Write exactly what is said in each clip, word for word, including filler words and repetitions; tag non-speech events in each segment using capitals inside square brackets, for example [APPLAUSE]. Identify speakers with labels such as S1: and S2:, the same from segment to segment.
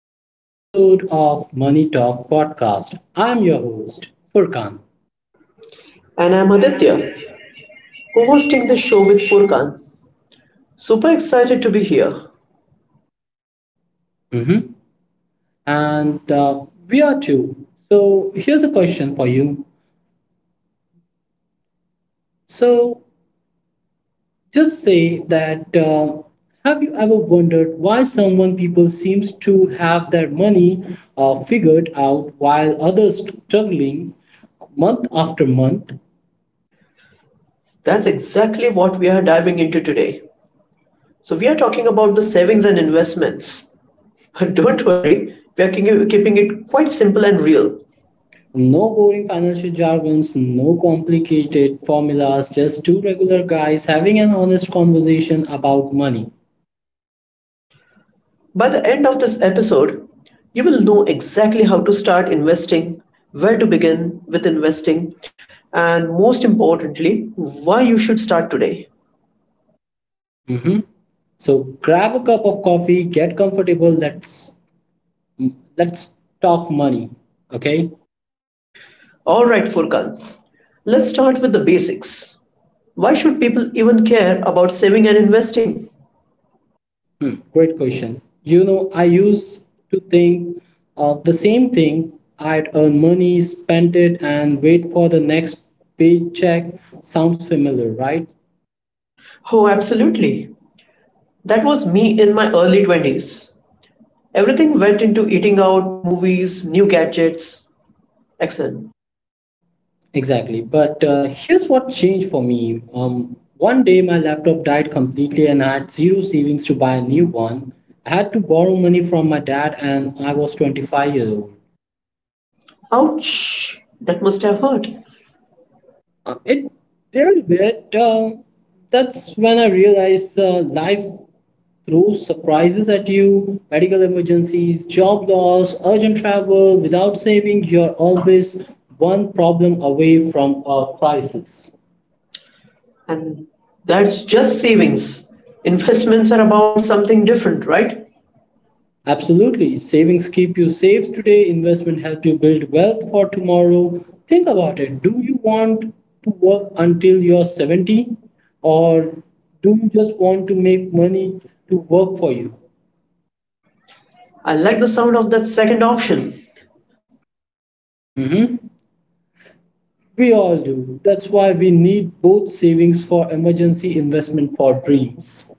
S1: to the episode of Money Talk podcast. I'm your host, Furkan.
S2: And I'm Aditya, co hosting the show with Furkan. Super excited to be here.
S1: Mhm. And uh, we are two. So here's a question for you. So just say that uh, have you ever wondered why someone people seems to have their money uh, figured out while others struggling month after month.
S2: That's exactly what we are diving into today. So, we are talking about the savings and investments. [LAUGHS] But don't worry, we are keep- keeping it quite simple and real.
S1: No boring financial jargons, no complicated formulas, just two regular guys having an honest conversation about money.
S2: By the end of this episode, you will know exactly how to start investing, where to begin with investing, and most importantly, why you should start today.
S1: Mhm. So grab a cup of coffee, get comfortable. Let's let's talk money. Okay.
S2: All right, Furkan, let's start with the basics. Why should people even care about saving and investing?
S1: Hmm, great question. You know, I used to think uh, the same thing. I'd earn money, spend it, and wait for the next paycheck. Sounds familiar, right?
S2: Oh, absolutely. That was me in my early twenties. Everything went into eating out, movies, new gadgets, excellent.
S1: Exactly. But uh, here's what changed for me. Um, one day my laptop died completely and I had zero savings to buy a new one. I had to borrow money from my dad and I was twenty-five years old.
S2: Ouch! That must have hurt.
S1: Uh, it did bit. Uh, that's when I realized uh, life throws surprises at you: medical emergencies, job loss, urgent travel. Without saving, you're always one problem away from a crisis.
S2: And that's just savings. Investments are about something different, right?
S1: Absolutely. Savings keep you safe today, investment help you build wealth for tomorrow. Think about it. Do you want to work until you're seventy, or do you just want to make money to work for you?
S2: I like the sound of that second option.
S1: hmm We all do. That's why we need both: savings for emergency, investment for dreams.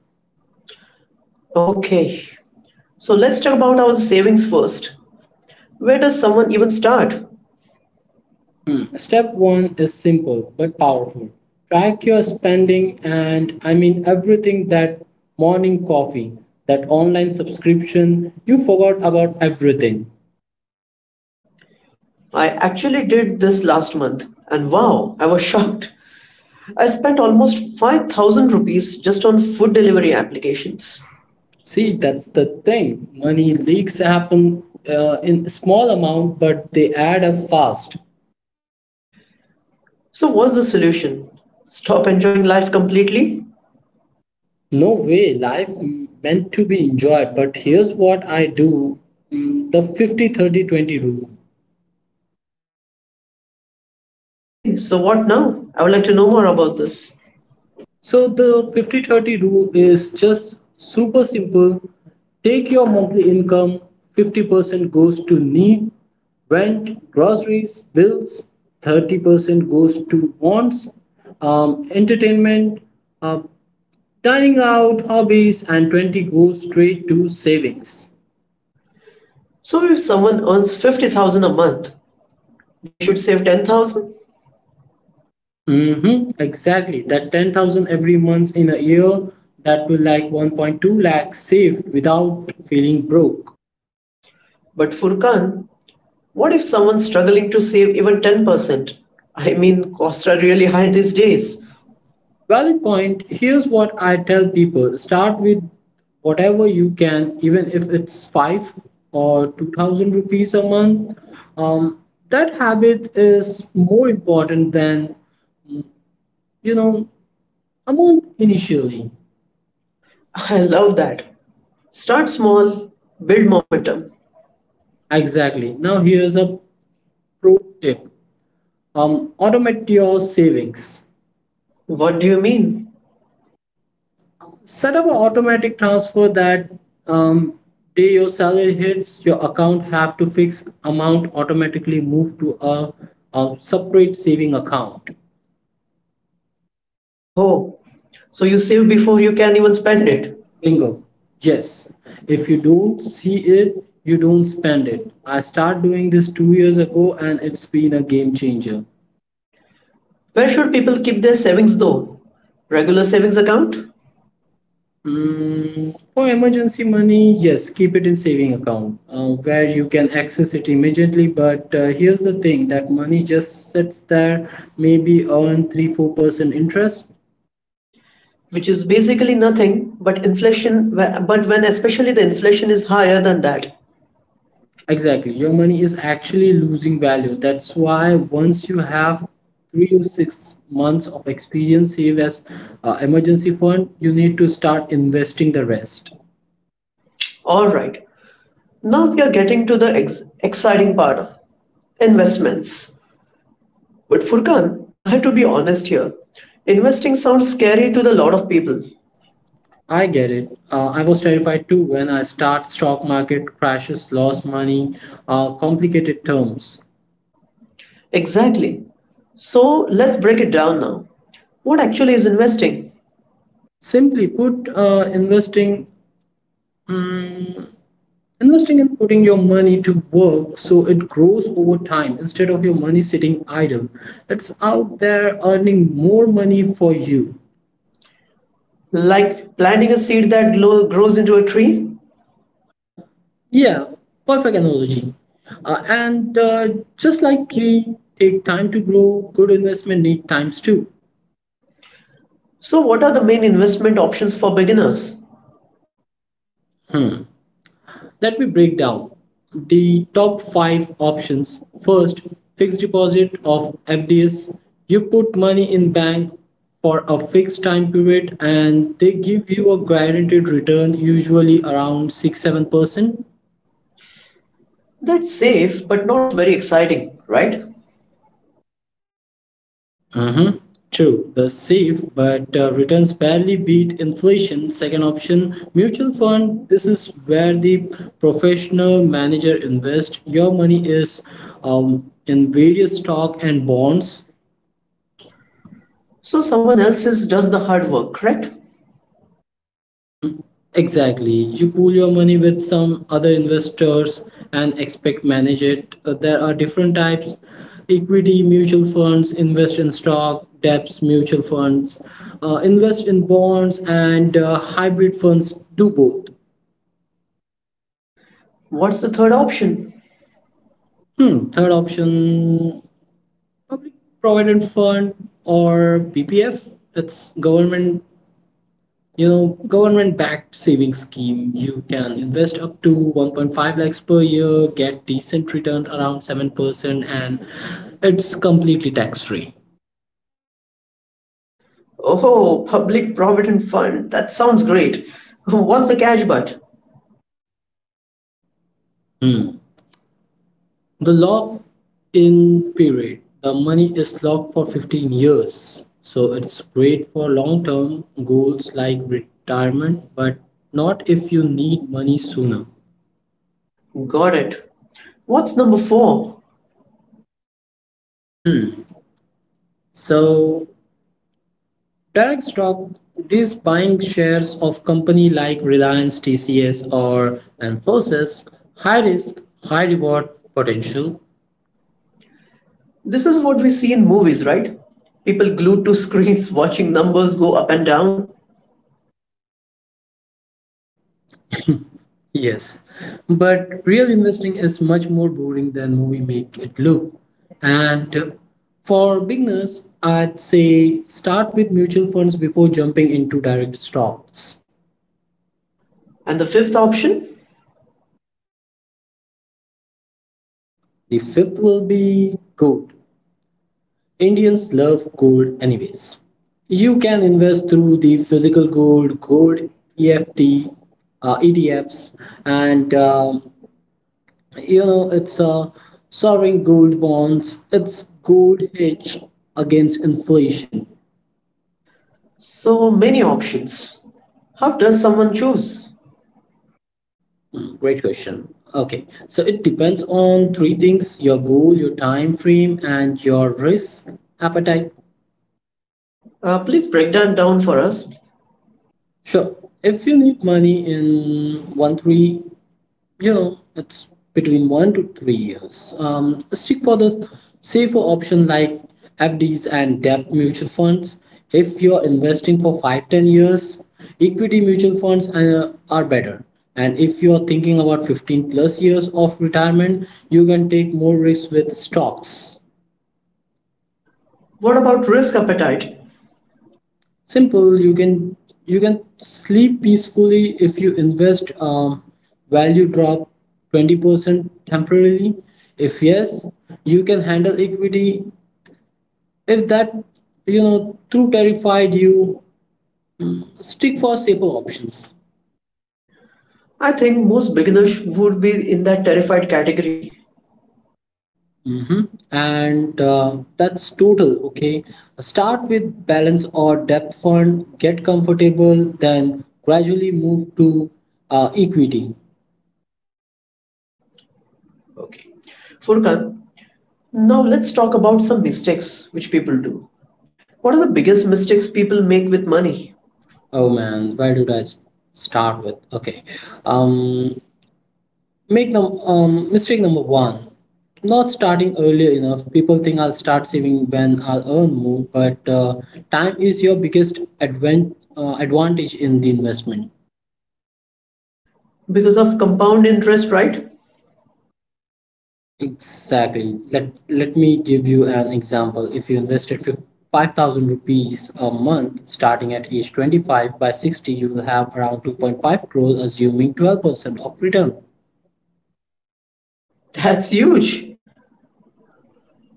S2: Okay, so let's talk about our savings first. Where does someone even start?
S1: Step one is simple but powerful. Track your spending, and I mean everything, that morning coffee, that online subscription, you forgot about everything.
S2: I actually did this last month, and wow, I was shocked. I spent almost five thousand rupees just on food delivery applications.
S1: See, that's the thing. Money leaks happen uh, in small amount, but they add up fast.
S2: So, what's the solution? Stop enjoying life completely?
S1: No way, life meant to be enjoyed. But here's what I do, mm, the fifty thirty twenty rule.
S2: Okay, so what now? I would like to know more about this.
S1: So the fifty thirty rule is just super simple. Take your monthly income: fifty percent goes to need, rent, groceries, bills; thirty percent goes to wants, um, entertainment, uh, dining out, hobbies; and twenty goes straight to savings.
S2: So, if someone earns fifty thousand a month, they should save ten thousand?
S1: Mm-hmm, exactly. That ten thousand every month in a year, that will like one point two lakh saved without feeling broke.
S2: But Furkan, what if someone's struggling to save even ten percent? I mean, costs are really high these days.
S1: Valid point. Here's what I tell people: start with whatever you can, even if it's five or two thousand rupees a month. Um, that habit is more important than you know a month initially.
S2: I love that. Start small, build momentum.
S1: Exactly. Now, here's a pro tip, um, automate your savings.
S2: What do you mean?
S1: Set up an automatic transfer that um, day your salary hits your account, have to fix amount automatically move to a, a separate saving account.
S2: Oh, so you save before you can even spend it.
S1: Bingo. Yes, if you don't see it, you don't spend it. I started doing this two years ago and it's been a game changer.
S2: Where should people keep their savings though? Regular savings account,
S1: Mm, for emergency money, yes, keep it in saving account uh, where you can access it immediately. But uh, here's the thing, that money just sits there, maybe earn three four percent interest.
S2: which is basically nothing but inflation, but when especially the inflation is higher than that.
S1: Exactly, your money is actually losing value. That's why once you have three or six months of experience save as uh, emergency fund, you need to start investing the rest.
S2: All right, now we are getting to the ex- exciting part investments. But Furkan, I had to be honest here. Investing sounds scary to the lot of people.
S1: I get it. Uh, I was terrified too when I start stock market crashes, lost money, uh, complicated terms.
S2: Exactly. So let's break it down now. What actually is investing?
S1: Simply put, uh, investing, mm, investing and putting your money to work so it grows over time. Instead of your money sitting idle, it's out there earning more money for you.
S2: Like planting a seed that glo- grows into a tree.
S1: Yeah, perfect analogy. Uh, and uh, just like tree take time to grow, good investment need times too.
S2: So, what are the main investment options for beginners?
S1: Hmm. Let me break down the top five options. First, fixed deposit of F D S. You put money in bank for a fixed time period and they give you a guaranteed return usually around six-seven percent.
S2: That's safe but not very exciting, right?
S1: Mm-hmm. True, the safe, but uh, returns barely beat inflation. Second option, mutual fund. This is where the professional manager invests your money is um, in various stock and bonds.
S2: So, someone else is, does the hard work, correct?
S1: Mm, exactly. You pool your money with some other investors and expect manage it. Uh, there are different types. Equity mutual funds invest in stock, debts mutual funds uh, invest in bonds, and uh, hybrid funds do both.
S2: What's the third option?
S1: Hmm. Third option, public provident fund or P P F. It's government you know government backed savings scheme. You can invest up to one point five lakhs per year, get decent return around seven percent, and it's completely tax free.
S2: Oh, public provident fund. That sounds great. [LAUGHS] What's the cash but?
S1: Hmm. The lock in period, the money is locked for fifteen years, so it's great for long term goals like retirement, but not if you need money sooner.
S2: Got it. What's number four?
S1: Hmm. So direct stock, this buying shares of company like Reliance, T C S, or Infosys. High risk, high reward potential.
S2: This is what we see in movies, right? People glued to screens [LAUGHS] watching numbers go up and down.
S1: Yes, but real investing is much more boring than movie make it look. And uh, for beginners, I'd say start with mutual funds before jumping into direct stocks.
S2: And the fifth option?
S1: The fifth will be gold. Indians love gold anyways. You can invest through the physical gold, gold E F T, uh, E T Fs, and um you know it's a uh, sovereign gold bonds. It's gold hedge against inflation.
S2: So many options. How does someone choose?
S1: Hmm, great question. Okay, so it depends on three things: your goal, your time frame, and your risk appetite.
S2: Uh, please break that down for us.
S1: Sure. If you need money in one three you know it's between one to three years, um, stick for the safer option like fds and debt mutual funds. If you're investing for five ten years, equity mutual funds uh, are better. And if you're thinking about fifteen plus years of retirement, you can take more risks with stocks.
S2: What about risk appetite?
S1: Simple. You can you can sleep peacefully if you invest, um, value drop twenty percent temporarily. If yes, you can handle equity. If that you know too terrified, you stick for safer options.
S2: I think most beginners would be in that terrified category.
S1: hmm and uh, that's total okay. Start with balance or depth fund, get comfortable, then gradually move to uh, equity.
S2: Okay. Furkan, now let's talk about some mistakes which people do. What are the biggest mistakes people make with money?
S1: Oh man, where did I s- start with? Okay, um, make num um mistake number one, not starting early enough. People think I'll start saving when I'll earn more, but uh, time is your biggest advan uh, advantage in the investment.
S2: Because of compound interest, right?
S1: Exactly. Let let me give you an example. If you invested fif- five thousand rupees a month starting at age twenty-five, by sixty you will have around two point five crores, assuming twelve percent of return.
S2: That's huge.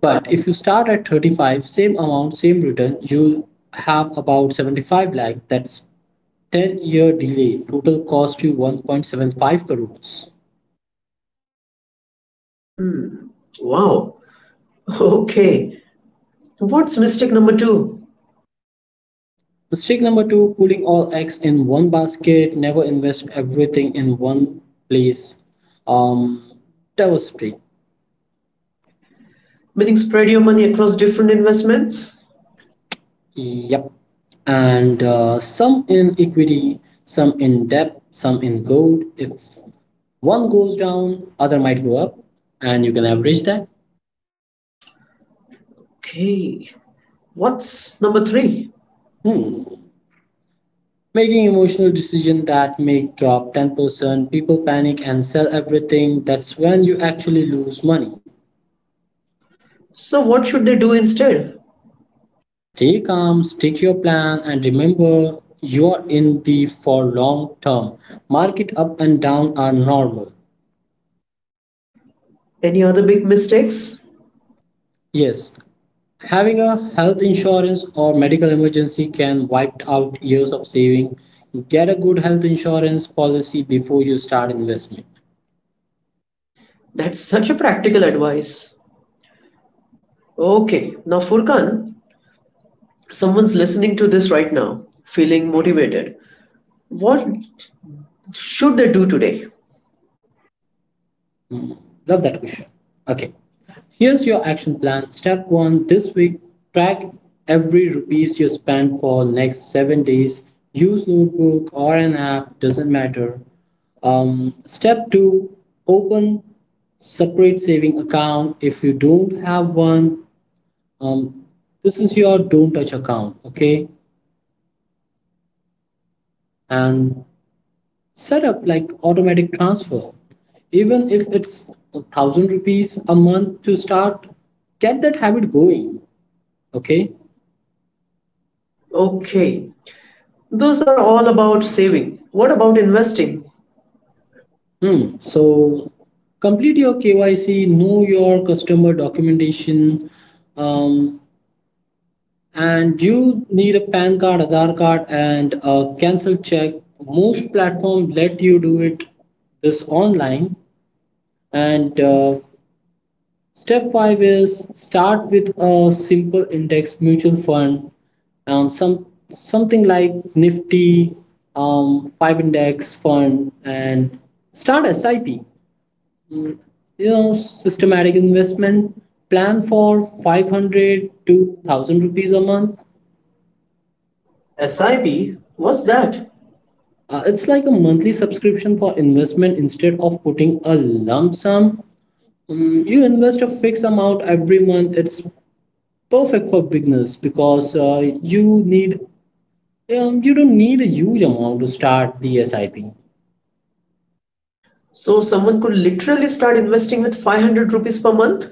S1: But if you start at thirty-five, same amount, same return, you'll have about seventy-five lakh. That's ten year delay, total cost you one point seven five crores.
S2: Wow. Okay. What's mistake number two?
S1: Mistake number two, pulling all eggs in one basket. Never invest everything in one place. um Diversity.
S2: Meaning spread your money across different investments?
S1: Yep. And uh, some in equity, some in debt, some in gold. If one goes down, other might go up, and you can average that.
S2: Okay. What's number three?
S1: hmm Making emotional decisions, that make drop ten percent, people panic and sell everything. That's when you actually lose money.
S2: So, what should they do instead?
S1: Stay calm, stick your plan, and remember you are in the for long term. Market up and down are normal.
S2: Any other big mistakes?
S1: Yes, having a health insurance or medical emergency can wipe out years of saving. Get a good health insurance policy before you start investment.
S2: That's such a practical advice. Okay, now Furkan, someone's listening to this right now, feeling motivated. What should they do today?
S1: Hmm, love that question. Okay, here's your action plan. Step one, this week, track every rupees you spend for next seven days. Use notebook or an app, doesn't matter. Um, step two, open separate saving account if you don't have one. Um, this is your don't touch account, okay? And set up like automatic transfer. Even if it's a thousand rupees a month to start, get that habit going, okay?
S2: Okay, those are all about saving. What about investing?
S1: Hmm. So complete your K Y C, know your customer documentation, um, and you need a PAN card, Aadhaar card, and a cancel check. Most platform let you do it this online. And uh, step five is start with a simple index mutual fund, um, some something like Nifty, um, five index fund, and start SIP. Mm, You know, systematic investment plan for five hundred to one thousand rupees a month.
S2: SIP, what's that?
S1: Uh, it's like a monthly subscription for investment instead of putting a lump sum. Um, you invest a fixed amount every month. It's perfect for beginners because uh, you need um, you don't need a huge amount to start the SIP.
S2: So, someone could literally start investing with five hundred rupees per month?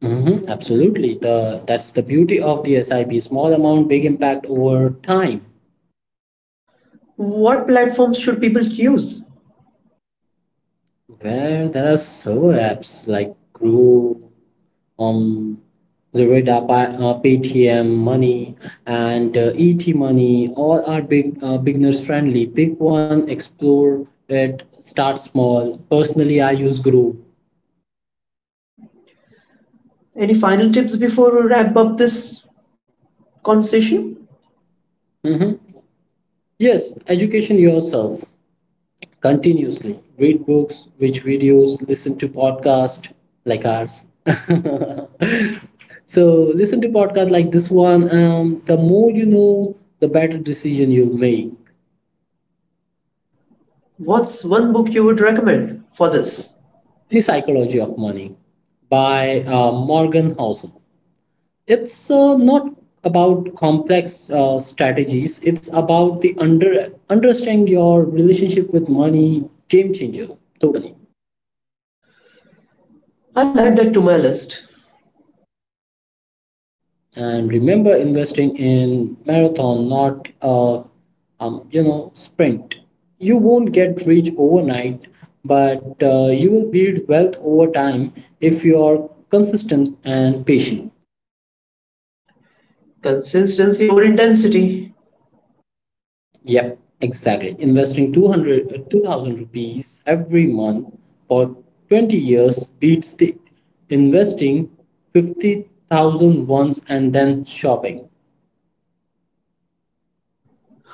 S1: Mhm, absolutely. The that's the beauty of the SIP. Small amount, big impact over time.
S2: What platforms should people use?
S1: Where there are server apps like Groove, um, Zurida, Pa- uh, Paytm, Money, and uh, E T Money. All are big uh, beginners friendly. Pick one, explore it, start small. Personally, I use Groove.
S2: Any final tips before we wrap up this conversation?
S1: Mhm. Yes, education yourself, continuously read books, watch videos, listen to podcasts like ours [LAUGHS] so listen to podcasts like this one. Um, the more you know, the better decision you make.
S2: What's one book you would recommend for this?
S1: The psychology of money by uh, Morgan Housel. It's uh, not about complex uh, strategies. It's about the under understanding your relationship with money. Game changer. Totally.
S2: I'll add that to my list.
S1: And remember, investing in marathon, not a um, you know sprint. You won't get rich overnight, but uh, you will build wealth over time if you are consistent and patient.
S2: Consistency over intensity.
S1: Yep, exactly. Investing two hundred, uh, two thousand rupees every month for twenty years beats the investing fifty thousand once and then shopping.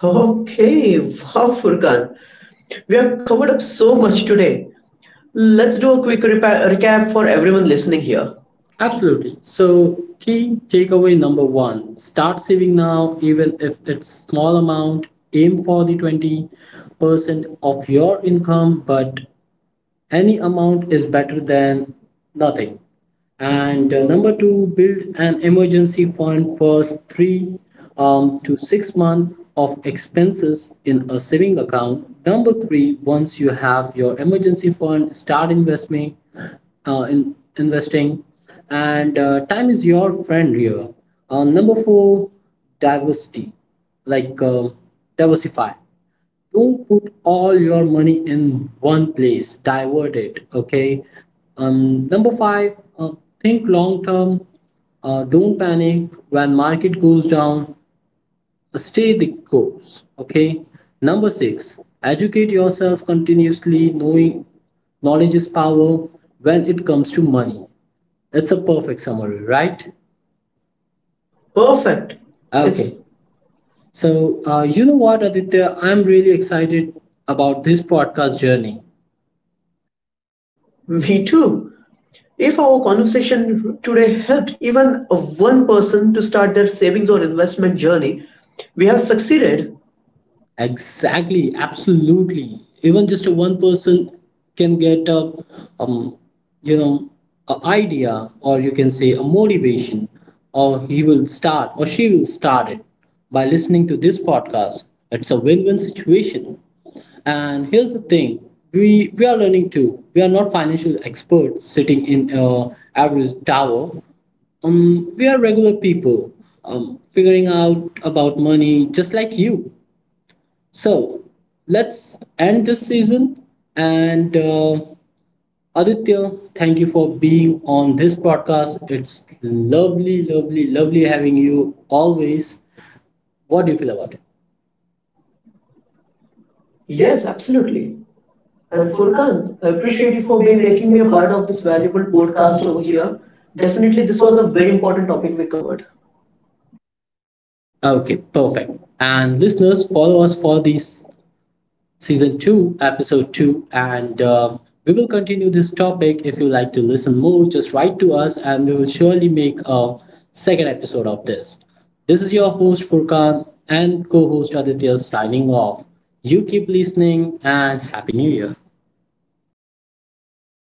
S2: Okay, wow, Furkan. We have covered up so much today. Let's do a quick repa- recap for everyone listening here.
S1: Absolutely. So, key takeaway number one, start saving now, even if it's small amount. Aim for the twenty percent of your income, but any amount is better than nothing. And uh, number two, build an emergency fund first, three um, to six months of expenses in a saving account. Number three, once you have your emergency fund, start investing uh, in investing, and uh, time is your friend here. Uh, number four, diversity like uh, diversify. Don't put all your money in one place, divert it, okay? Um, number five, uh, think long term. Uh, don't panic when market goes down. Uh, stay the course, okay. Number six, educate yourself continuously, knowing knowledge is power when it comes to money. It's a perfect summary, right?
S2: Perfect. It's
S1: Okay. So uh, you know what, Aditya, I'm really excited about this podcast journey.
S2: me too. If our conversation today helped even one person to start their savings or investment journey, we have succeeded.
S1: Exactly, absolutely. Even just a one person can get a, um, you know, a idea, or you can say a motivation, or he will start, or she will start it by listening to this podcast. It's a win-win situation. And here's the thing: we we are learning too. We are not financial experts sitting in a average tower, um, we are regular people, um, figuring out about money just like you, so let's end this season. And uh, Aditya, thank you for being on this podcast. It's lovely, lovely, lovely having you always. What do you feel about it?
S2: Yes, absolutely. And Furkan, I appreciate you for being making me a part of this valuable podcast over here. Definitely, this was a very important topic we covered.
S1: Okay, perfect. And listeners, follow us for these season two episode two, and um, we will continue this topic. If you like to listen more, just write to us and we will surely make a second episode of this this is your host Furkan and co-host Aditya signing off. You keep listening, and Happy New Year.